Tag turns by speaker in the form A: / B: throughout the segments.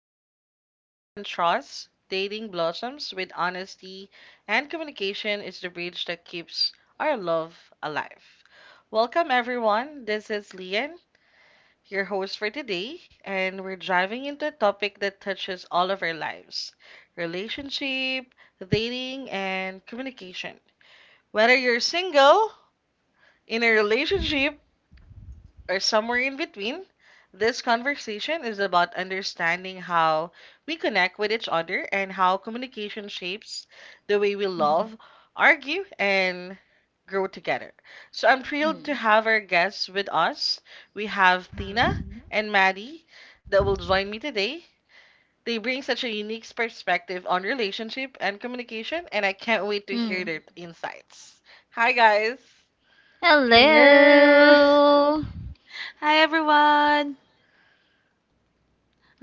A: Relationship thrive on trust, dating blossoms with honesty, and communication is the bridge that keeps our love alive. Welcome, everyone. This is Lian, your host for today, and we're diving into a topic that touches all of our lives relationship, dating, and communication. Whether you're single, in a relationship, or somewhere in between, this conversation is about understanding how we connect with each other and how communication shapes the way we
B: Mhm.
A: love, argue, and grow together. So I'm thrilled to
C: Mm.
A: have our guests with us. We have Tina and Maddie that will join me today. They bring such a unique perspective on relationship and communication, and I can't wait to hear
C: Mm.
A: their insights. Hi, guys.
B: Hello.
C: Hello.
B: Hi everyone.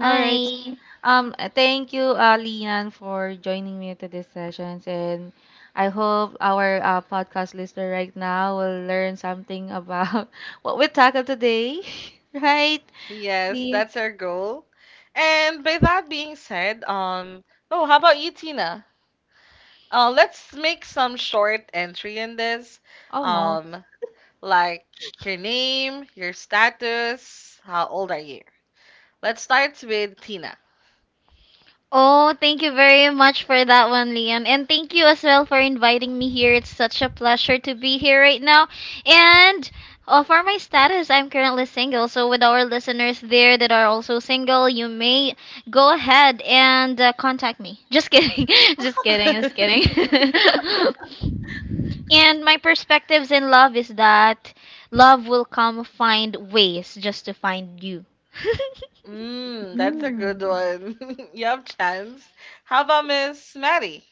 B: All right. Thank you Lian for joining me to this sessions, and I hope our podcast listener right now will learn something about what we tackled today. Right?
A: Yes,
B: The
A: that's our goal. And by that being said, oh, how about you, Tina? Let's make some short entry in this.
B: Oh no.
A: Um, like your name, your status, how old are you? Let's start with Tina.
C: Oh, thank you very much for that one, Liam. And thank you as well for inviting me here. It's such a pleasure to be here right now. And for my status, I'm currently single. So, with our listeners there that are also single, you may go ahead and contact me. Just kidding. Just kidding. Just kidding. And my perspectives in love is that love will come find ways just to find you.
A: Mm, that's a good
B: Mm.
A: one. You have chance. How about Miss Maddie?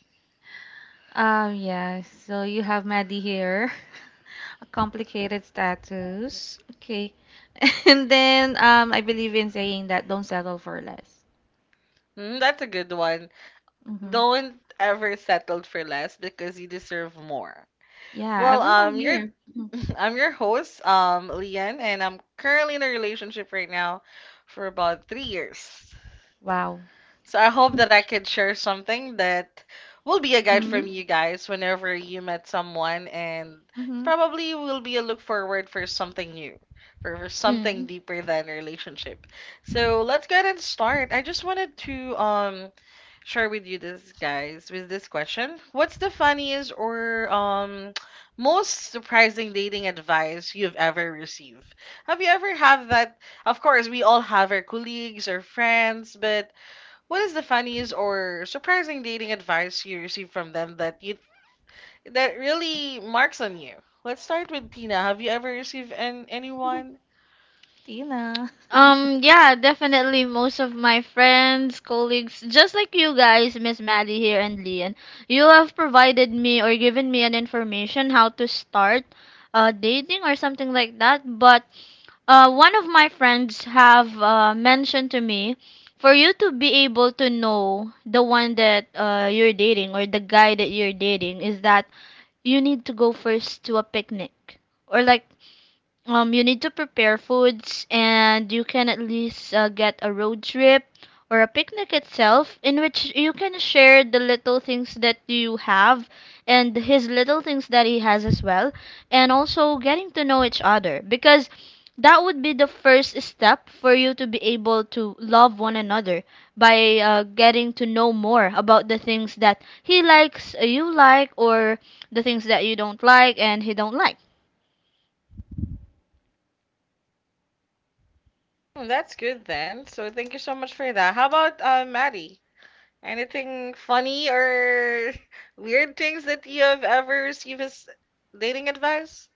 B: Yeah. So you have Maddie here. A complicated status. Okay. And then I believe in saying that don't settle for less.
A: Mm, that's a good one.
B: Mhm.
A: Don't ever settle for less because you deserve more.
B: Yeah,
A: Well,
B: everyone
A: you're
B: here. Mhm.
A: I'm your host, Lian, and I'm currently in a relationship right now for about three years.
B: Wow.
A: So I hope that I could share something that will be a guide from
C: Mm.
A: you guys whenever you met someone and
B: Hmm.
A: probably will be a look forward for something new, for something
C: Mm.
A: deeper than a relationship. So let's go ahead and start. I just wanted to share with you this guys with this question. What's the funniest or most surprising dating advice you've ever received? Have you ever have that? Of course, we all have our colleagues or friends, but what is the funniest or surprising dating advice you received from them that really marks on you? Let's start with Tina. Have you ever received anyone?
B: Tina.
C: Yeah, definitely. Most of my friends, colleagues, just like you guys, Miss Maddie here and Leon, you have provided me or given me an information how to start dating or something like that. But one of my friends have mentioned to me for you to be able to know the one that you're dating or the guy that you're dating is that you need to go first to a picnic or like you need to prepare foods and you can at least get a road trip or a picnic itself in which you can share the little things that you have and his little things that he has as well and also getting to know each other because that would be the first step for you to be able to love one another by getting to know more about the things that he likes you like or the things that you don't like and he don't like.
A: Hmm, that's good then. So thank you so much for that. How about Maddie? Anything funny or weird things that you have ever received as dating advice?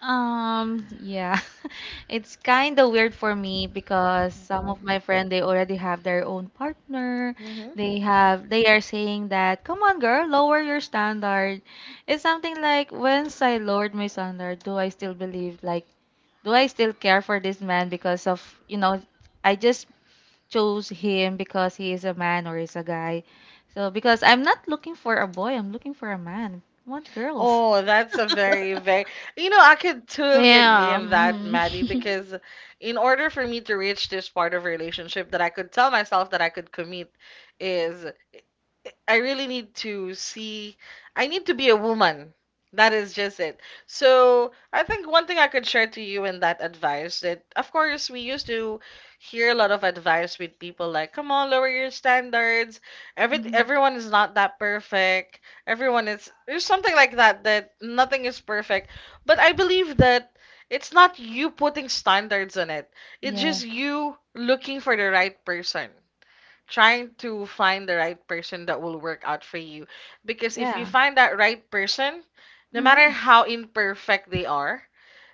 B: Yeah. It's kind of weird for me because some of my friends they already have their own partner. They are saying that, "Come on, girl, lower your standard." It's something like, "Once I lowered my standard, do I still believe like do I still care for this man because of, you know, I just chose him because he is a man or is a guy. So because I'm not looking for a boy, I'm looking for a man. I want girls.
A: Oh, that's a very, very, you know, I could totally agree
C: Yeah.
A: on that,
C: Mhm.
A: Maddie, because in order for me to reach this part of relationship that I could tell myself that I could commit is I really need to see. I need to be a woman. That is just it. So I think one thing I could share to you in that advice that, of course, we used to hear a lot of advice with people like, "Come on, lower your standards.
B: Mm-hmm.
A: Everyone is not that perfect. Everyone is there's something like that that nothing is perfect." But I believe that it's not you putting standards on it. It's
B: Yeah.
A: just you looking for the right person trying to find the right person that will work out for you. Because if you
B: Yeah.
A: find that right person, no matter
B: Mm-hmm.
A: how imperfect they are,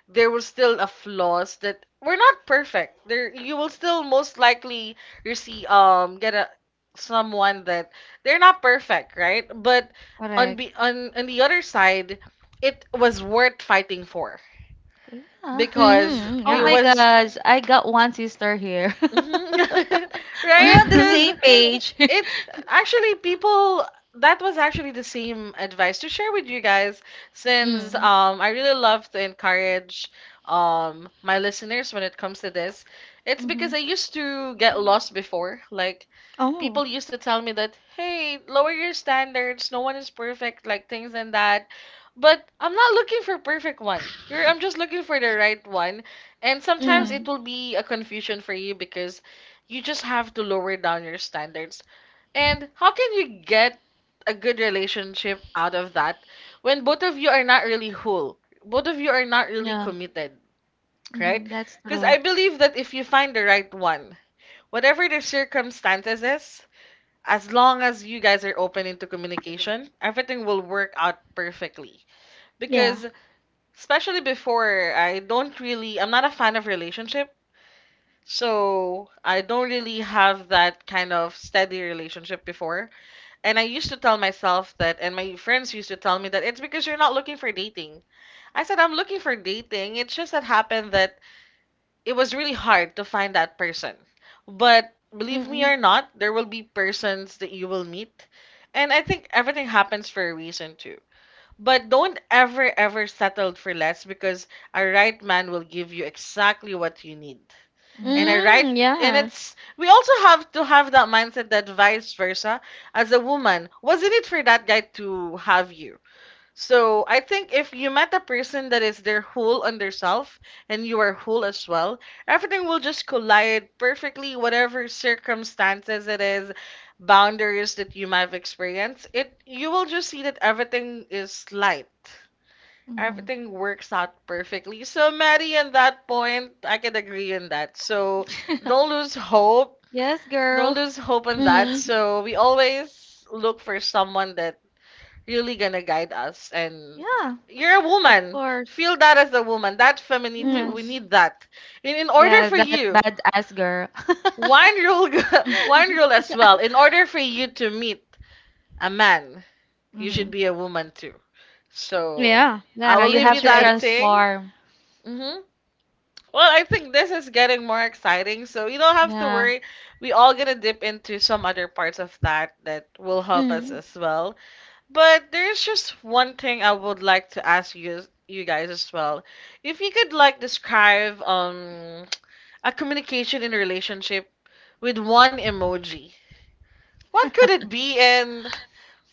A: there will still a flaws that we're not perfect. There you will still most likely receive get a someone that they're not perfect, right? But on
B: Correct.
A: be on the other side, it was worth fighting for
B: So, yeah.
A: because
C: Mhm.
B: Oh
A: it
B: my
C: Yeah.
A: was.
B: gosh, I got one sister here.
A: Mhm.
B: We're
A: Right?
B: on the
A: Because
B: same page.
A: it's actually people that was actually the same advice to share with you guys since
C: Mm.
A: I really love to encourage my listeners when it comes to this. It's because
B: Mm-hmm.
A: I used to get lost before. Like
C: Oh.
A: people used to tell me that, "Hey, lower your standards. No one is perfect," like things and that. But I'm not looking for perfect one. You're I'm just looking for the right one. And
B: Yeah.
A: sometimes it
C: Mm.
A: will be a confusion for you because you just have to lower down your standards. And how can you get a good relationship out of that when both of you are not really whole? Both of you are not really
B: Yeah.
A: committed, right?
B: Mm-hmm. That's
A: Because I
B: true.
A: believe that if you find the right one, whatever the circumstances is, as long as you guys are open into communication, everything will work out perfectly.
C: Yeah.
A: Because especially before, I don't really, I'm not a fan of relationship. So I don't really have that kind of steady relationship before. And I used to tell myself that, and my friends used to tell me that it's because you're not looking for dating. I said, I'm looking for dating. It's just that happened that it was really hard to find that person. But believe me
C: Mm.
A: or not, there will be persons that you will meet. And I think everything happens for a reason too. But don't ever, ever settle for less because a right man will give you exactly what you need, and I
B: Mm-hmm.
A: write,
C: Mm.
A: and
C: Yeah.
A: it's we also have to have that mindset that vice versa as a woman was in it for that guy to have you. So I think if you met a person that is their whole on their self and you are whole as well, everything will just collide perfectly whatever circumstances it is, boundaries that you might have experienced it, you will just see that everything is light, everything works out perfectly. So, Maddie, on that point, I can agree on that. So,
B: Mm-hmm.
A: don't lose hope.
B: Yes,
A: Don't
B: girl.
A: lose hope on that.
C: Mm.
A: So, we always look for someone that really gonna guide us. And
B: Yeah,
A: you're a
B: of
A: woman.
B: course.
A: Feel that as a woman. That femininity,
B: Mm-hmm.
A: we
C: Yes.
A: need that. In order
B: Yeah,
A: for
B: that
A: you,
B: badass girl.
A: one rule, one rule as well. In order for you to meet a man, you should
B: Hmm.
A: be a woman too. So,
C: Yeah.
A: I
B: Yeah,
A: will
B: you
A: leave you
C: That's
B: have to
C: right.
A: that thing.
B: transform.
A: Hmm. Well, I think this is getting more exciting, so you don't have to
B: Yeah.
A: worry. We all gonna dip into some other parts of that that will help us
C: Mm.
A: as well. But there's just one thing I would like to ask you guys as well. If you could like describe a communication in a relationship with one emoji, what could it be and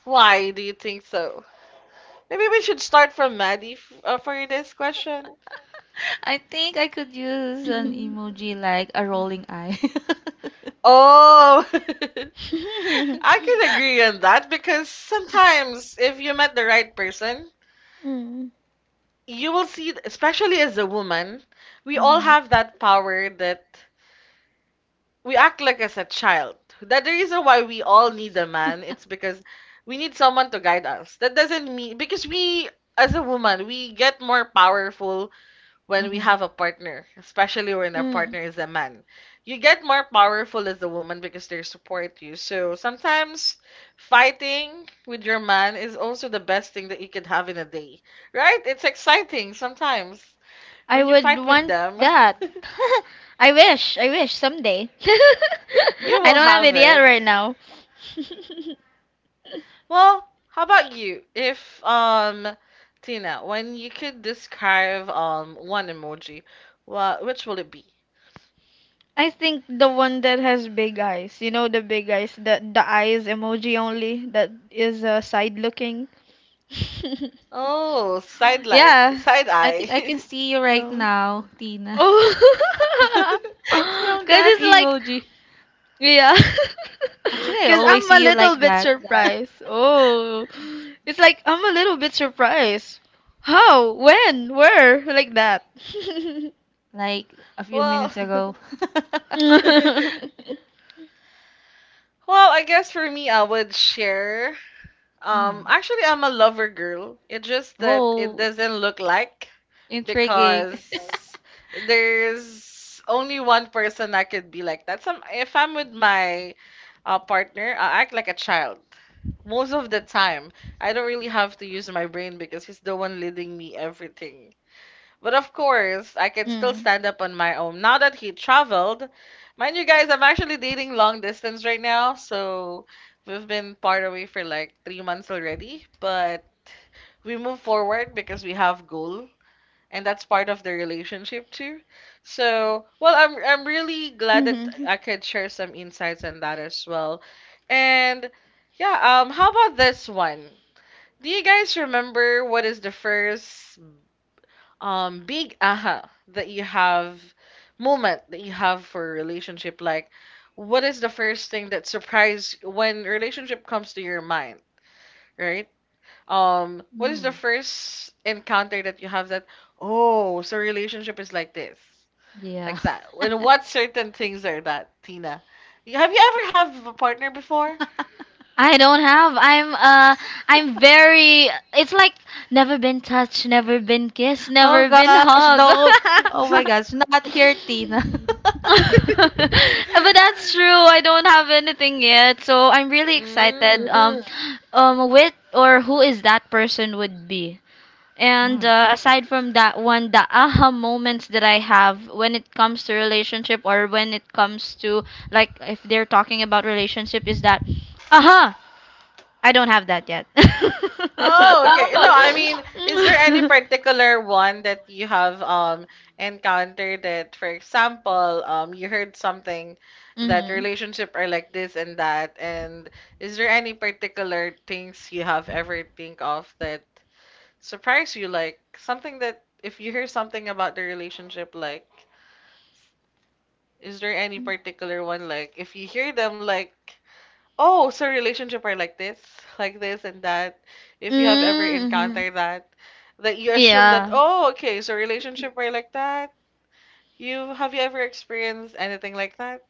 A: why do you think so? Maybe we should start from Maddie f for this question.
B: I think I could use an emoji like a rolling eye.
A: Oh. I can agree on that because sometimes if you met the right person,
C: Mm.
A: you will see, especially as a woman, we all
B: Hmm.
A: have that power that we act like as a child. That the reason why we all need a man, it's because we need someone to guide us. That doesn't mean because we as a woman, we get more powerful when we
B: Hmm.
A: have a partner, especially when our
C: Mm.
A: partner is a man. You get more powerful as a woman because they support you. So sometimes fighting with your man is also the best thing that you could have in a day, right? It's exciting sometimes.
C: I
A: When you
C: would
A: fight with
C: want
A: them,
C: that. I wish. I wish someday.
A: you
C: I
A: will
C: don't have
A: have
C: it yet
A: it.
C: right now.
A: Well, how about you? If, Tina, when you could describe, one emoji, which will it be?
C: I think the one that has big eyes. You know the big eyes, the eyes emoji only that is side looking.
A: Oh,
C: Yeah.
A: side
B: I
A: eye.
B: think I can see you right
C: Oh.
B: now, Tina,
C: Oh. Cause
B: from that
C: it's like
B: emoji.
C: yeah.
B: Actually, I
C: Cause
B: always
C: I'm a
B: see you
C: little
B: like
C: bit
B: that,
C: surprised. Oh. It's like I'm a little bit surprised. How? When? Where? Like that.
B: like a few
A: Well,
B: minutes ago.
A: well,
C: Mm.
A: I guess for me, I would share.
B: Mm.
A: Actually, I'm a lover girl. It's just that it
B: Oh,
A: doesn't look like,
B: intriguing.
A: because there's only one person I could be like that. Some if I'm with my partner, I act like a child most of the time. I don't really have to use my brain because he's the one leading me everything. But of course, I can still stand up on my own. Now that he traveled, mind you guys, I'm actually dating long distance right now, so we've been part away for like three months already. But we move forward because we have goal, and that's part of the relationship too. So, well, I'm really glad that
C: Mhm.
A: I could share some insights on that as well. And yeah, how about this one? Do you guys remember what is the first big aha that you have moment that you have for a relationship, like what is the first thing that surprise when relationship comes to your mind, right? What is the
B: Mm.
A: first encounter that you have that oh so relationship is like this, like
B: Yeah.
A: that, and what certain things are that, Tina, have you ever have a partner before?
C: I don't have. I'm very it's like never been touched, never been kissed,
B: Oh
C: never been
B: gosh,
C: hugged.
B: no. Oh my
C: But
B: gosh, not here, Tina.
C: that's true. I don't have anything yet. So I'm really excited
A: Mm.
C: with or who is that person would be. And
B: Mm.
C: aside from that one, the aha moments that I have when it comes to relationship or when it comes to like if they're talking about relationship is that aha I don't have that yet.
A: Oh,
C: Oh,
A: okay. No, I mean, is there any
C: okay.
A: particular one that you have encountered that, for example, you heard something that
C: Mm-hmm.
A: relationship are like this and that, and is there any particular things you have ever think of that surprise you, like something that if you hear something about the relationship, like is there any particular one like if you hear them like oh, so relationship are like this and that. If you have ever
C: Mm-hmm.
A: encountered that, that you assume that,
C: Yeah.
A: oh, okay, so relationship are like that. You ever experienced anything like that?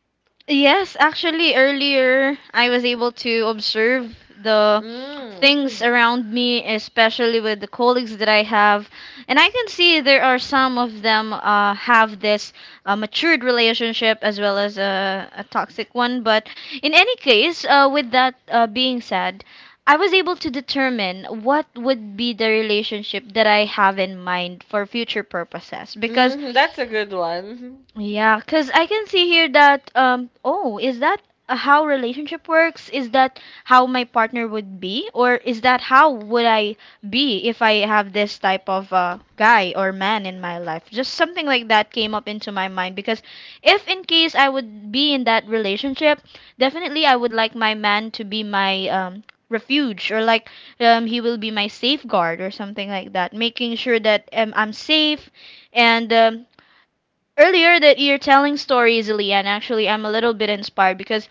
C: Yes, actually, earlier I was able to observe the
A: Mm.
C: things around me, especially with the colleagues that I have. And I can see there are some of them have this matured relationship as well as a toxic one. But in any case, with that being said, I was able to determine what would be the relationship that I have in mind for future purposes because
A: Mm, that's a good one.
C: yeah, because I can see here that, oh, is that how relationship works? Is that how my partner would be? Or is that how would I be if I have this type of guy or man in my life? Just something like that came up into my mind because if in case I would be in that relationship, definitely I would like my man to be my refuge or like he will be my safeguard or something like that, making sure that I'm safe and earlier that you're telling stories, Leanne, actually, I'm a little bit inspired because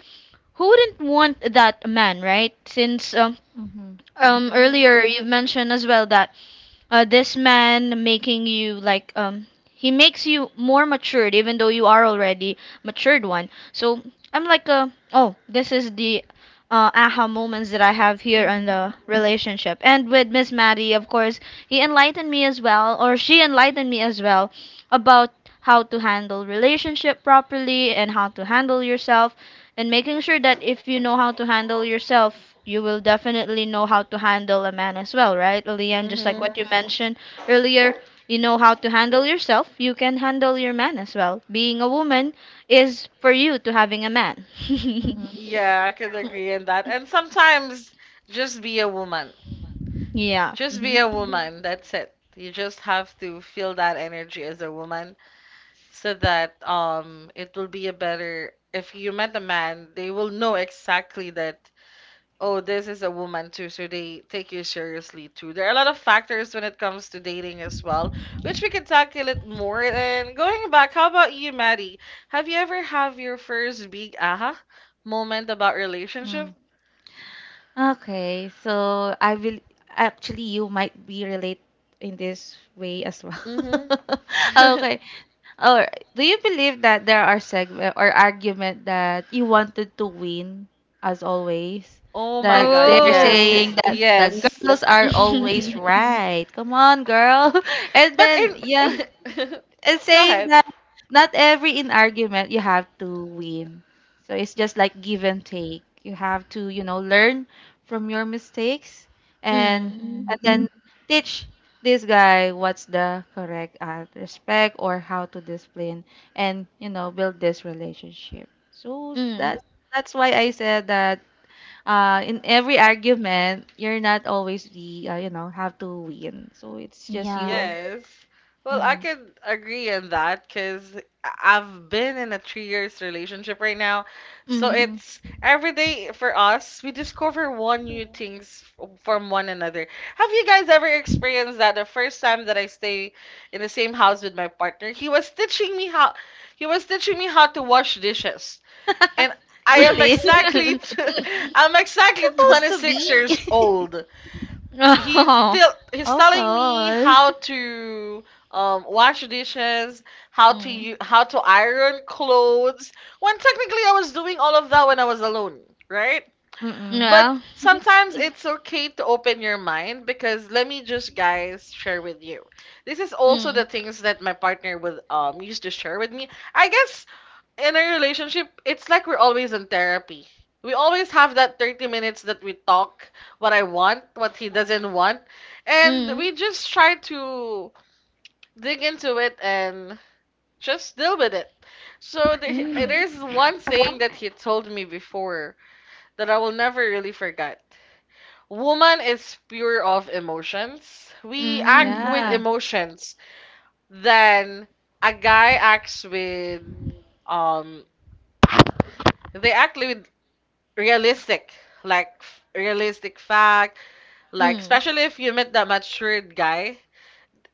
C: who wouldn't want that man, right? Since
B: Mm-hmm.
A: Mm-hmm.
C: earlier you've mentioned as well that this man making you like he makes you more matured even though you are already matured one, so I'm like a, oh, this is the aha moments that I have here in
B: Mm-hmm.
C: the relationship, and with Miss Maddie of course he enlightened me as well or she enlightened me as well about how to handle relationship properly and how to handle yourself and making sure that if you know how to handle yourself, you will definitely know how to handle a man as well, right? Lian, just like
A: Mm-hmm.
C: what you mentioned earlier, you know how to handle yourself, you can handle your man as well. Being a woman is for you to having a man.
B: Mm-hmm.
A: Yeah, I could agree on that. And sometimes just be a woman.
C: Yeah.
A: Just be a woman. That's it. You just have to feel that energy as a woman. So that it will be a better if you met a man, they will know exactly that, oh, this is a woman too, so they take you seriously too. There are a lot of factors when it comes to dating as well, which we can tackle it more. And going back, how about you, Maddie? Have you ever have your first big aha moment about relationship?
B: Mm. Okay, so I will actually you might be relate in this way as well.
A: Mm-hmm.
B: Okay. Or do you believe that there are segment or argument that you wanted to win as always?
A: Oh my
B: That
A: god,
B: they're
C: Oh.
B: saying
A: yes,
B: that the girls
A: yes.
B: are always
C: Mm.
B: right. Come on, girl. And
A: But
B: then yeah.
A: in
B: It's saying
A: go
B: that not every in argument you have to win. So it's just like give and take. You have to, you know, learn from your mistakes and
C: Mm.
B: and then teach this guy what's the correct respect or how to discipline, and you know build this relationship. So
C: Mm.
B: that's why I said that in every argument you're not always the you know have to win. So it's just you
C: Yeah.
B: and
A: Yes. Well, I
B: your.
A: could agree on that because I've been in a 3 years relationship right now. So
C: Mm.
B: Hmm.
A: it's every day for us, we discover one new things from one another. Have you guys ever experienced that the first time that I stay in the same house with my partner, he was teaching me how to wash dishes. And I am
B: Really?
A: exactly I'm exactly
B: Supposed to
A: 26 years
B: be.
A: old.
C: Oh.
A: He's
B: Oh
A: telling me
B: gosh.
A: how to wash dishes, how to
C: Mm.
A: how to iron clothes. When technically I was doing all of that when I was alone, right?
B: Mm-mm. Mhm.
A: But
C: Yeah.
A: sometimes it's okay to open your mind, because let me just guys share with you. This is also
C: Mm.
A: the things that my partner would used to share with me. I guess in a relationship, it's like we're always in therapy. We always have that 30 minutes that we talk what I want, what he doesn't want, and
C: Mm,
A: we just try to dig into it and just deal with it. So
C: mm,
A: there's one saying that he told me before that I will never really forget. Woman is pure of emotions. We act
C: mm,
A: with
B: Yeah.
A: emotions than a guy acts with um they act with realistic, like realistic fact, like
C: mm,
A: especially if you met that matured guy,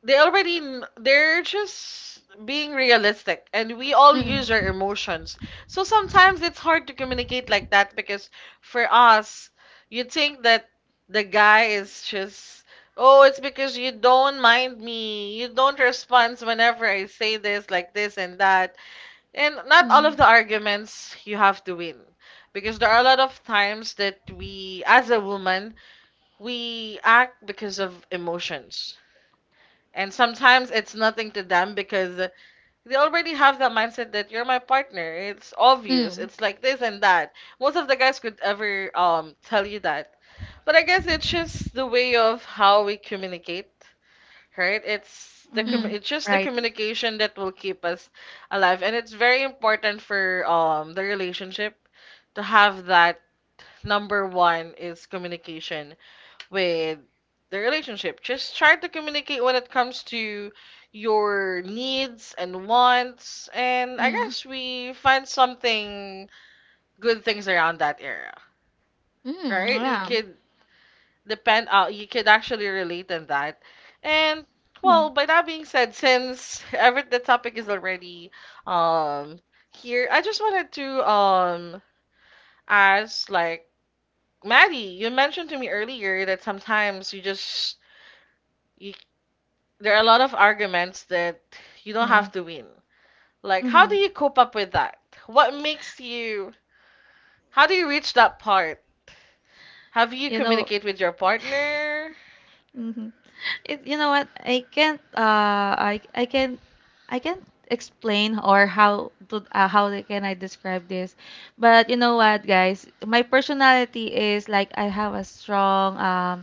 A: they're just being realistic, and we all use our
C: mm,
A: emotions. So sometimes it's hard to communicate like that because for us, you think that the guy is just, oh, it's because you don't mind me, you don't respond whenever I say this like this and that. And not all
C: mm,
A: of the arguments you have to win. Because there are a lot of times that we, as a woman, we act because of emotions. And sometimes it's nothing to them because they already have that mindset that you're my partner. It's obvious.
C: mm,
A: It's like this and that. Most of the guys could ever tell you that. But I guess it's just the way of how we communicate, right?
B: Mm-hmm.
C: mm,
A: It's just the
B: Right.
A: communication that will keep us alive, and it's very important for the relationship to have that. Number one is communication with the relationship. Just try to communicate when it comes to your needs and wants, and I
C: mm,
A: guess we find something good things around that area,
C: mm,
A: right? You
C: wow.
A: could You could actually relate in that. And
B: Mhm.
A: well, by that being said, since every the topic is already um here, I just wanted to ask, like, Maddie, you mentioned to me earlier that sometimes you just, you there are a lot of arguments that you don't
B: Yeah.
A: have to win. Like, how
B: Mm-hmm.
A: do you cope up with that? What makes you? How do you reach that part? Have you
B: You know,
A: communicate with your partner?
B: hmm, it, you know what? I can't. I can't explain or how to how they- can I describe this, but you know what, guys? My personality is like I have a strong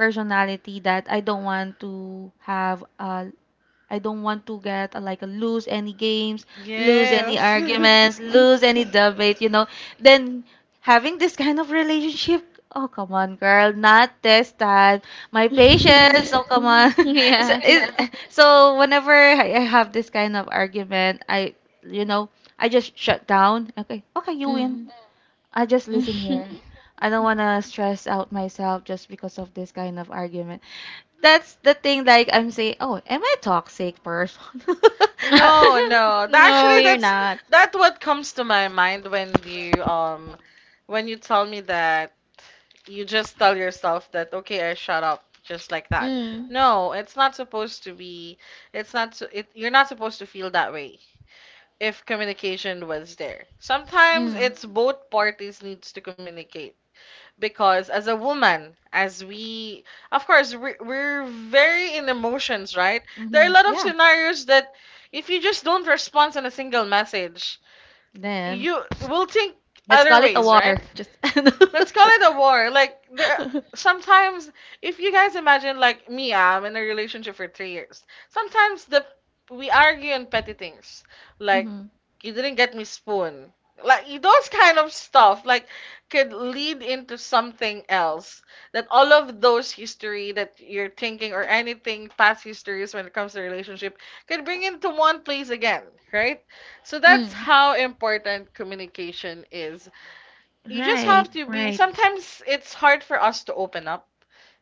B: personality that I don't want to get like lose any games, lose any Yeah.
A: Yes.
B: arguments, lose any debate, you know. Then having this kind of relationship, oh come on girl not this time, my patience, oh come on. So,
C: Yeah.
B: so whenever I have this kind of argument, I you know, I just shut down. Okay, okay, you win.
C: Mm.
B: I just listen here. I don't want to stress out myself just because of this kind of argument. That's the thing, like I'm saying, oh am I toxic person? Uh.
A: No, no.
C: No,
A: Actually,
C: you're not.
A: that's what comes to my mind when you tell me that, you just tell yourself that, okay, I shut up just like that.
C: Mm,
A: No, it's not supposed to be. It's not. You're not supposed to feel that way if communication was there. Sometimes
C: mm,
A: it's both parties needs to communicate, because as a woman, as we, of course we're, very in emotions, right? There are a
B: Mhm,
A: lot of
B: yeah.
A: scenarios that if you just don't respond on a single message,
B: Then
A: you will think
B: let's
A: other
B: call it a
A: ways, right?
B: war. Just
A: Let's call it a war. Like, there sometimes, if you guys imagine like me, I'm in a relationship for 3 years. Sometimes the We argue on petty things. Like,
B: Mm-hmm.
A: you didn't get me spoon. Like those kind of stuff like could lead into something else. That all of those history that you're thinking or anything past histories when it comes to relationship could bring into one place again, right? So that's
C: mm.
A: how important communication is. You just
B: Right,
A: have to be,
B: right.
A: sometimes it's hard for us to open up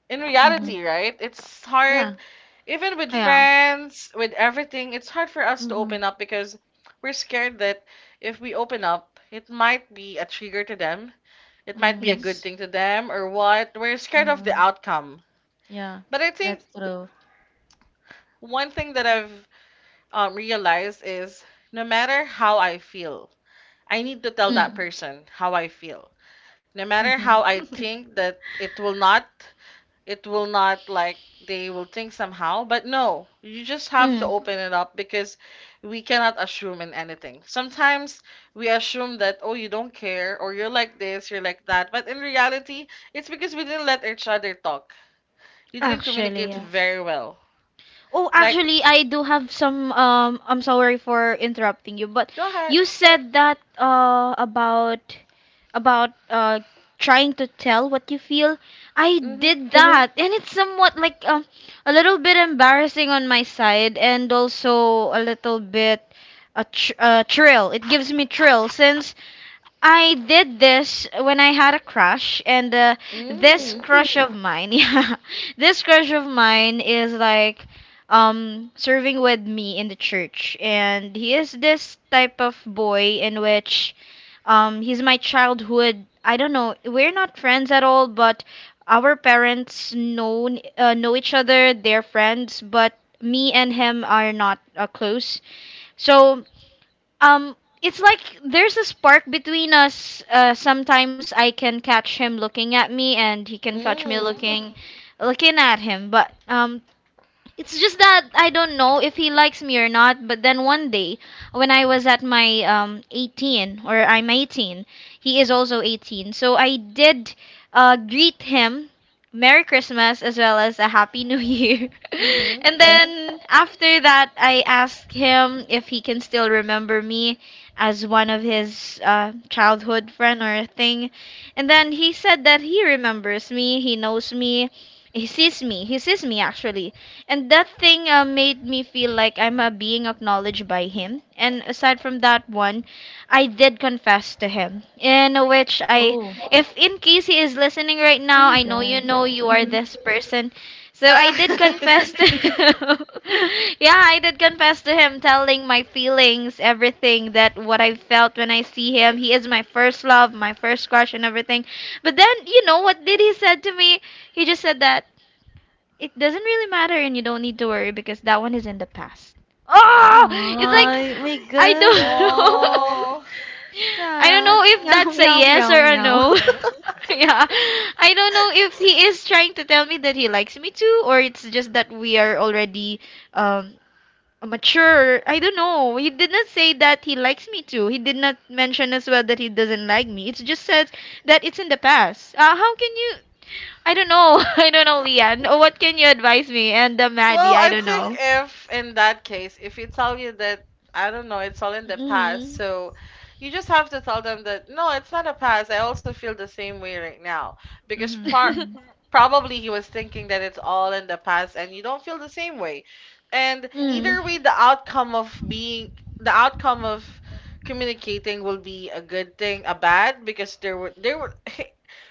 A: in
B: Mm-hmm.
A: reality, right? It's hard.
B: Yeah.
A: Even with
C: Yeah.
A: friends, with everything, it's hard for us to
B: Mm-hmm.
A: open up because we're scared that if we open up, it might be a trigger to them, it might be a
B: Mm-hmm.
A: good
C: Yes.
A: thing to them, or what, we're scared of the
B: Mm-hmm.
A: outcome.
B: Yeah.
A: But I think
B: That's true.
A: one thing that I've realized is, no matter how I feel, I need to tell that
C: Mm.
A: person how I feel. No matter how I
B: Mm-hmm.
A: think that it will not, it will not like they will think somehow. But no, you just have to
C: Mm.
A: open it up, because we cannot assume in anything. Sometimes we assume that, oh, you don't care, or you're like this, you're like that. But in reality, it's because we didn't let each other talk. You didn't
C: Actually,
A: communicate very
C: yes.
A: well.
C: Oh,
A: Like,
C: actually, I do have some. I'm sorry for interrupting you, but
A: go ahead.
C: you said that about about trying to tell what you feel. I
A: Mm-hmm.
C: did that, and it's somewhat like a little bit embarrassing on my side, and also a little bit a thrill. It gives me thrill since I did this when I had a crush, and this
A: Mm.
C: crush of mine, yeah, this crush of mine is like serving with me in the church, and he is this type of boy in which he's my childhood. I don't know, we're not friends at all, but our parents know each other. They're friends, but me and him are not close. So um, it's like there's a spark between us. Sometimes I can catch him looking at me, and he can catch me
A: Mm.
C: looking at him. But it's just that I don't know if he likes me or not, but then one day when I was at my 18 or I'm 18, he is also 18. So I did greet him Merry Christmas as well as a Happy New Year.
A: Mm-hmm.
C: And then after that, I asked him if he can still remember me as one of his childhood friend or a thing. And then he said that he remembers me, he knows me, he sees me actually, and that thing made me feel like I'm being acknowledged by him. And aside from that one, I did confess to him. In which I,
B: Oh.
C: if in case he is listening right
B: Oh
C: now,
B: my
C: I
B: god.
C: know you are
B: Mm-hmm.
C: this person. So I did confess to him. Yeah, I did confess to him, telling my feelings, everything that what I felt when I see him. He is my first love, my first crush, and everything. But then, you know what did he said to me? He just said that it doesn't really matter and you don't need to worry because that one is in the past.
B: Oh
C: Oh, it's like
B: my
C: I
B: god.
C: don't know.
A: Oh.
C: I don't
B: Sad.
C: know if
B: Meow
C: that's a
B: meow
C: yes
B: meow
C: or a
B: meow.
C: no. Yeah. I don't know if he is trying to tell me that he likes me too or it's just that we are already um mature. I don't know. He did not say that he likes me too. He did not mention as well that he doesn't like me. It just says that it's in the past. How can you I don't know. I don't know, Lian. What can you advise me? And Maddie,
A: Well,
C: I
A: I
C: don't
A: think
C: know.
A: if in that case, if you tell you that, I don't know, it's all in the past,
C: Mm.
A: so you just have to tell them that, no, it's not a past. I also feel the same way right now. Because
B: Mm-hmm.
A: par Probably he was thinking that it's all in the past and you don't feel the same way. And
C: Mm.
A: either way, the outcome of communicating will be a good thing, a bad, because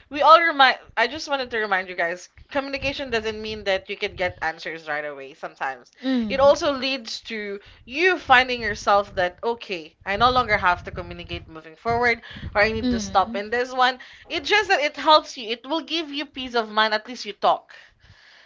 A: we all remind, I just wanted to remind you guys, communication doesn't mean that you can get answers right away. Sometimes it
C: Mm.
A: also leads to you finding yourself that, okay, I no longer have to communicate moving forward, or I need to stop
C: Mm.
A: in this one. It just that it helps you, it will give you peace of mind, at least you talk,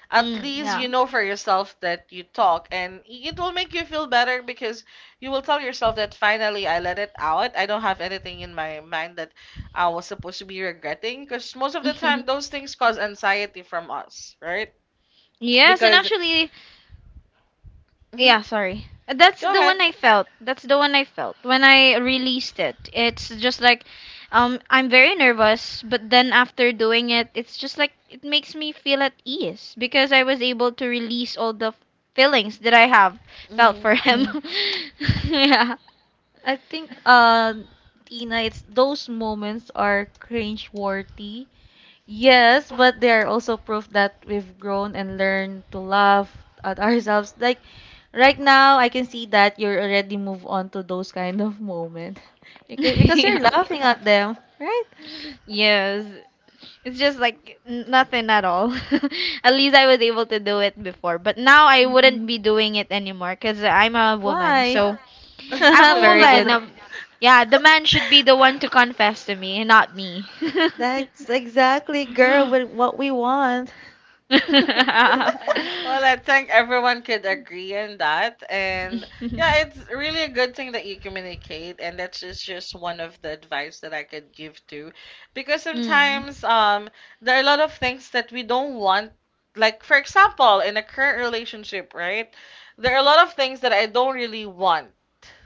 A: at
C: Mm.
A: least
C: Yeah.
A: you know for yourself that you talk, and it will make you feel better, because you will tell yourself that finally I let it out. I don't have anything in my mind that I was supposed to be regretting, because most of the time those things cause anxiety from us, right?
C: Yes, and
A: Because
C: actually,
A: Mhm.
C: yeah, sorry. That's
A: Go
C: the one
A: ahead.
C: I felt. That's the one I felt when I released it. It's just like, I'm very nervous, but then after doing it, it's just like it makes me feel at ease because I was able to release all the feelings that I have felt for him. Yeah.
B: I think Tina, it's those moments are cringe worthy. Yes, but they are also proof that we've grown and learned to laugh at ourselves. Like right now, I can see that you're already move on to those kind of moment because you're
C: Yeah.
B: laughing at them, right?
C: Yes. It's just like nothing at all. At least I was able to do it before, but now I wouldn't
B: Mm-mm.
C: be doing it anymore because I'm a woman.
B: Why?
C: So I'm a
A: Mhm.
B: Very
C: woman.
B: good.
C: Yeah, the man should be the one to confess to me, not me.
B: That's exactly, girl, wh- what we want.
A: Well, I think everyone could agree on that. And yeah, it's really a good thing that you communicate. And that's just one of the advice that I could give too, because
C: Mm,
A: sometimes there are a lot of things that we don't want. Like, for example, in a current relationship, right? There are a lot of things that I don't really want.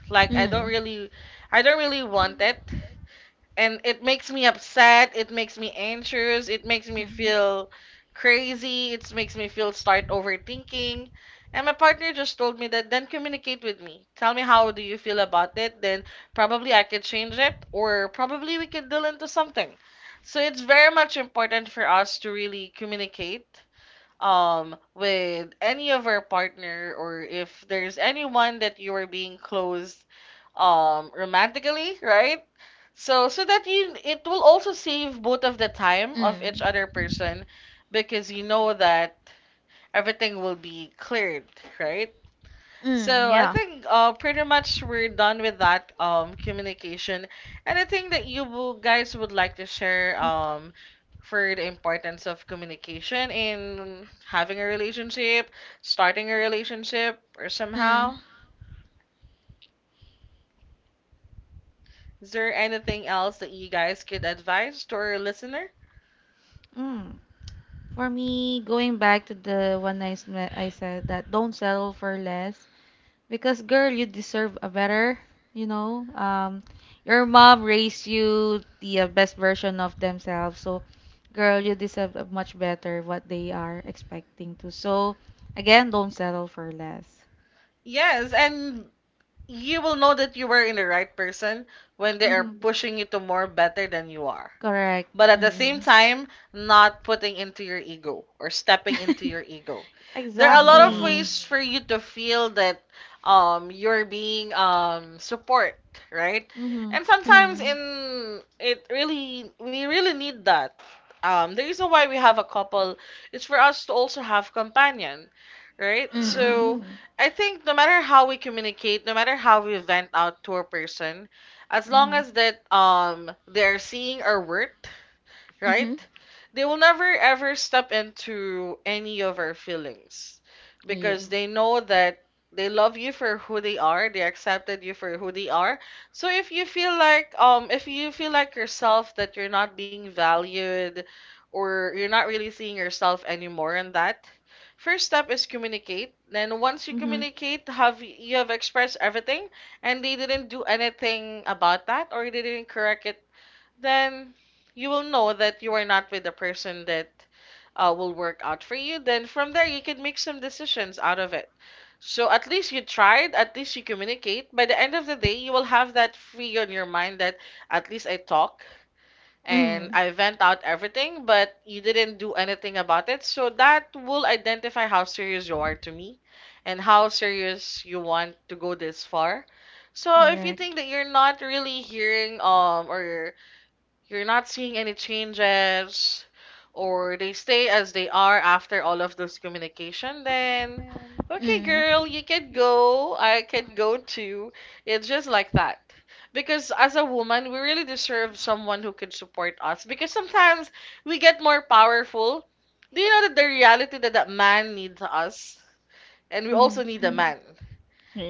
A: Like,
C: mm,
A: I don't really want it, and it makes me upset, it makes me anxious, it makes me feel crazy, it makes me feel start overthinking. And my partner just told me that, then communicate with me, tell me how do you feel about it, then probably I could change it, or probably we could deal into something. So it's very much important for us to really communicate with any of our partner, or if there's anyone that you are being close romantically, right? So so that you it will also save both of the time of each
C: mm,
A: other person, because you know that everything will be cleared, right? So I
C: yeah.
A: think pretty much we're done with that communication. Anything that you guys would like to share for the importance of communication in having a relationship, starting a relationship, or
C: Mm,
A: somehow? Is there anything else that you guys could advise to our listener?
B: Mm. For me, going back to the one s- I said that don't settle for less. Because girl, you deserve a better, you know. Your mom raised you the best version of themselves. So, girl, you deserve a much better what they are expecting to. So, again, don't settle for less.
A: Yes, and you will know that you were in the right person when they are
B: Mm-hmm.
A: pushing you to more better than you are.
B: Correct.
A: But at the same
C: mm,
A: time, not putting into your ego or stepping into your ego. There are a lot of
C: yeah.
B: Exactly.
A: ways for you to feel that you're being support, right?
B: Mm-hmm.
A: And sometimes
C: Mm,
A: in it really we really need that. The reason why we have a couple is for us to also have companion, right?
C: mm,
B: Mm-hmm.
A: So
C: mm,
A: I think no matter how we communicate, no matter how we vent out to a person, as long
B: Mm-hmm.
A: as that they're seeing our worth,
C: mm-hmm,
A: right? They will never ever step into any of our feelings, because
C: yeah.
A: they know that they love you for who they are, they accepted you for who they are. So if you feel like if you feel like yourself that you're not being valued or you're not really seeing yourself anymore in that, first step is communicate. Then once you
B: Mm-hmm.
A: communicate, have you have expressed everything and they didn't do anything about that or they didn't correct it, then you will know that you are not with the person that will work out for you. Then from there, you can make some decisions out of it. So at least you tried, at least you communicate. By the end of the day, you will have that free on your mind that at least I talk and
C: Mm.
A: I vent out everything, but you didn't do anything about it. So that will identify how serious you are to me and how serious you want to go this far. So if you
B: Correct.
A: think that you're not really hearing or you're not seeing any changes, or they stay as they are after all of this communication, then okay,
C: Mm.
A: girl, you can go. I can go too. It's just like that. Because as a woman, we really deserve someone who can support us. Because sometimes we get more powerful. Do you know that the reality that man needs us? And we
B: Mm-hmm.
A: also need a man.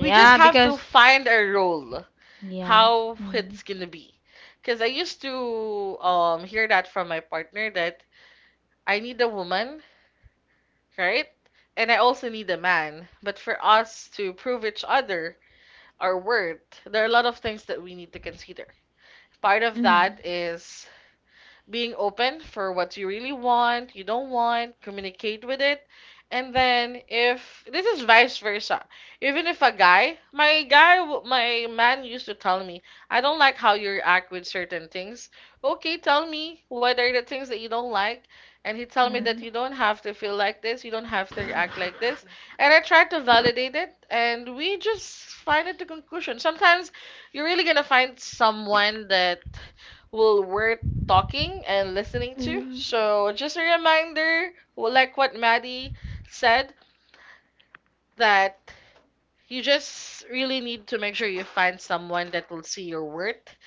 A: We just
B: Yep.
A: have to
C: because
A: find a role
C: yeah.
A: how
C: Mm.
A: it's gonna be. Because I used to hear that from my partner that I need a woman, right? And I also need a man. But for us to prove each other our worth, there are a lot of things that we need to consider. Part of
C: Mm-hmm.
A: that is being open for what you really want, you don't want, communicate with it. And then if this is vice versa, even if a guy, my guy, my man used to tell me, I don't like how you react with certain things. Okay, tell me what are the things that you don't like. And he tell me
C: Mm.
A: that you don't have to feel like this, you don't have to react like this. And I tried to validate it, and we just find it the conclusion. Sometimes you're really gonna find someone that will worth talking and listening to.
C: Mm-hmm.
A: So, just a reminder, well, like what Maddie said, that you just really need to make sure you find someone that will see your worth.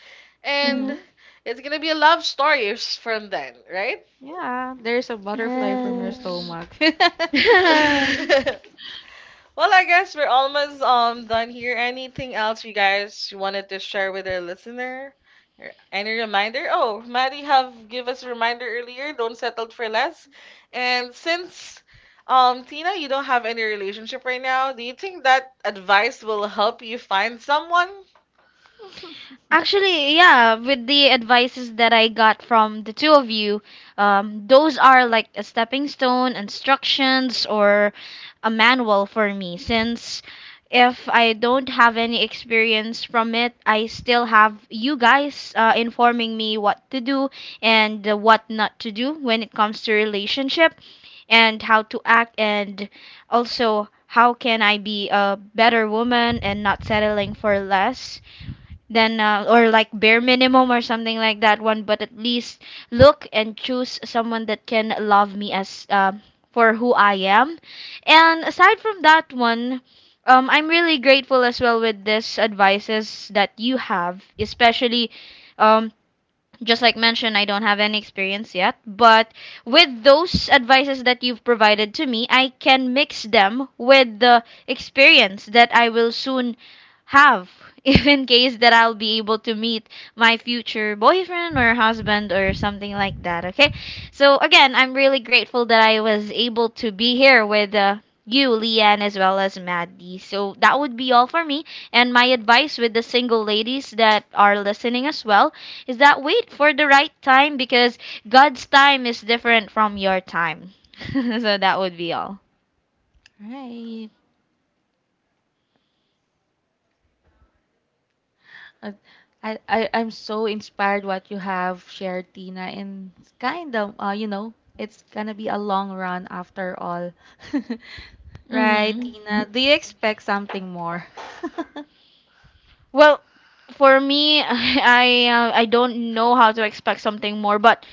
B: Mm-hmm.
A: And
C: Mm-hmm.
A: it's gonna be a love story from then, right?
B: Yeah, there's a butterfly from your
C: Mm-hmm.
B: stomach.
C: Yes.
A: Well, I guess we're almost done here. Anything else you guys wanted to share with our listener? Or any reminder? Oh, Maddie have give us a reminder earlier. Don't settle for less. And since Tina, you don't have any relationship right now. Do you think that advice will help you find someone?
C: Actually, yeah, with the advices that I got from the two of you, those are like a stepping stone, instructions, or a manual for me. Since if I don't have any experience from it, I still have you guys informing me what to do and what not to do when it comes to relationship and how to act and also how can I be a better woman and not settling for less than or like bare minimum or something like that one, but at least look and choose someone that can love me as for who I am. And aside from that one, I'm really grateful as well with this advices that you have, especially um, just like mentioned, I don't have any experience yet, but with those advices that you've provided to me, I can mix them with the experience that I will soon have, if in case that I'll be able to meet my future boyfriend or husband or something like that, okay? So, again, I'm really grateful that I was able to be here with you, Leanne, as well as Maddie. So, that would be all for me. And my advice with the single ladies that are listening as well is that wait for the right time because God's time is different from your time. So that would be all.
B: Right. Uh, I'm so inspired what you have shared, Tina, and it's kind of you know, it's gonna be a long run after all. Right,
C: hmm
B: Tina? Do you expect something more?
C: Well, for me, I don't know how to expect something more, but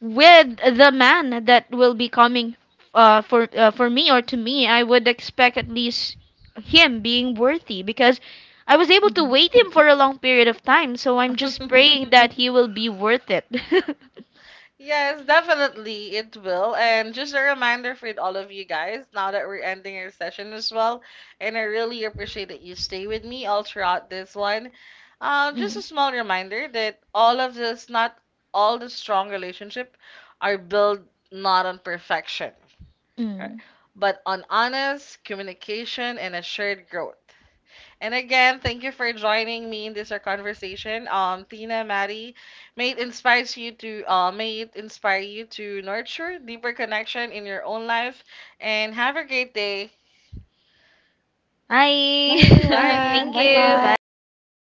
C: with the man that will be coming for me or to me, I would expect at least him being worthy because I was able to
B: Mhm.
C: wait him for a long period of time. So I'm just praying that he will be worth it.
A: Yes, definitely it will. And just a reminder for all of you guys, now that we're ending our session as well, and I really appreciate that you stay with me all throughout this one. Just a
C: Mm.
A: small reminder that all of this, not all the strong relationship, are built not on perfection, right?
C: Mm.
A: But on honest communication and a shared growth. And again, thank you for joining me in this our conversation. Tina, Maddie, may it inspire you to nurture deeper connection in your own life. And have a great day.
C: Hi.
B: Bye everyone.
A: Bye.
C: Thank
B: Bye
C: you.
B: bye.
C: Bye.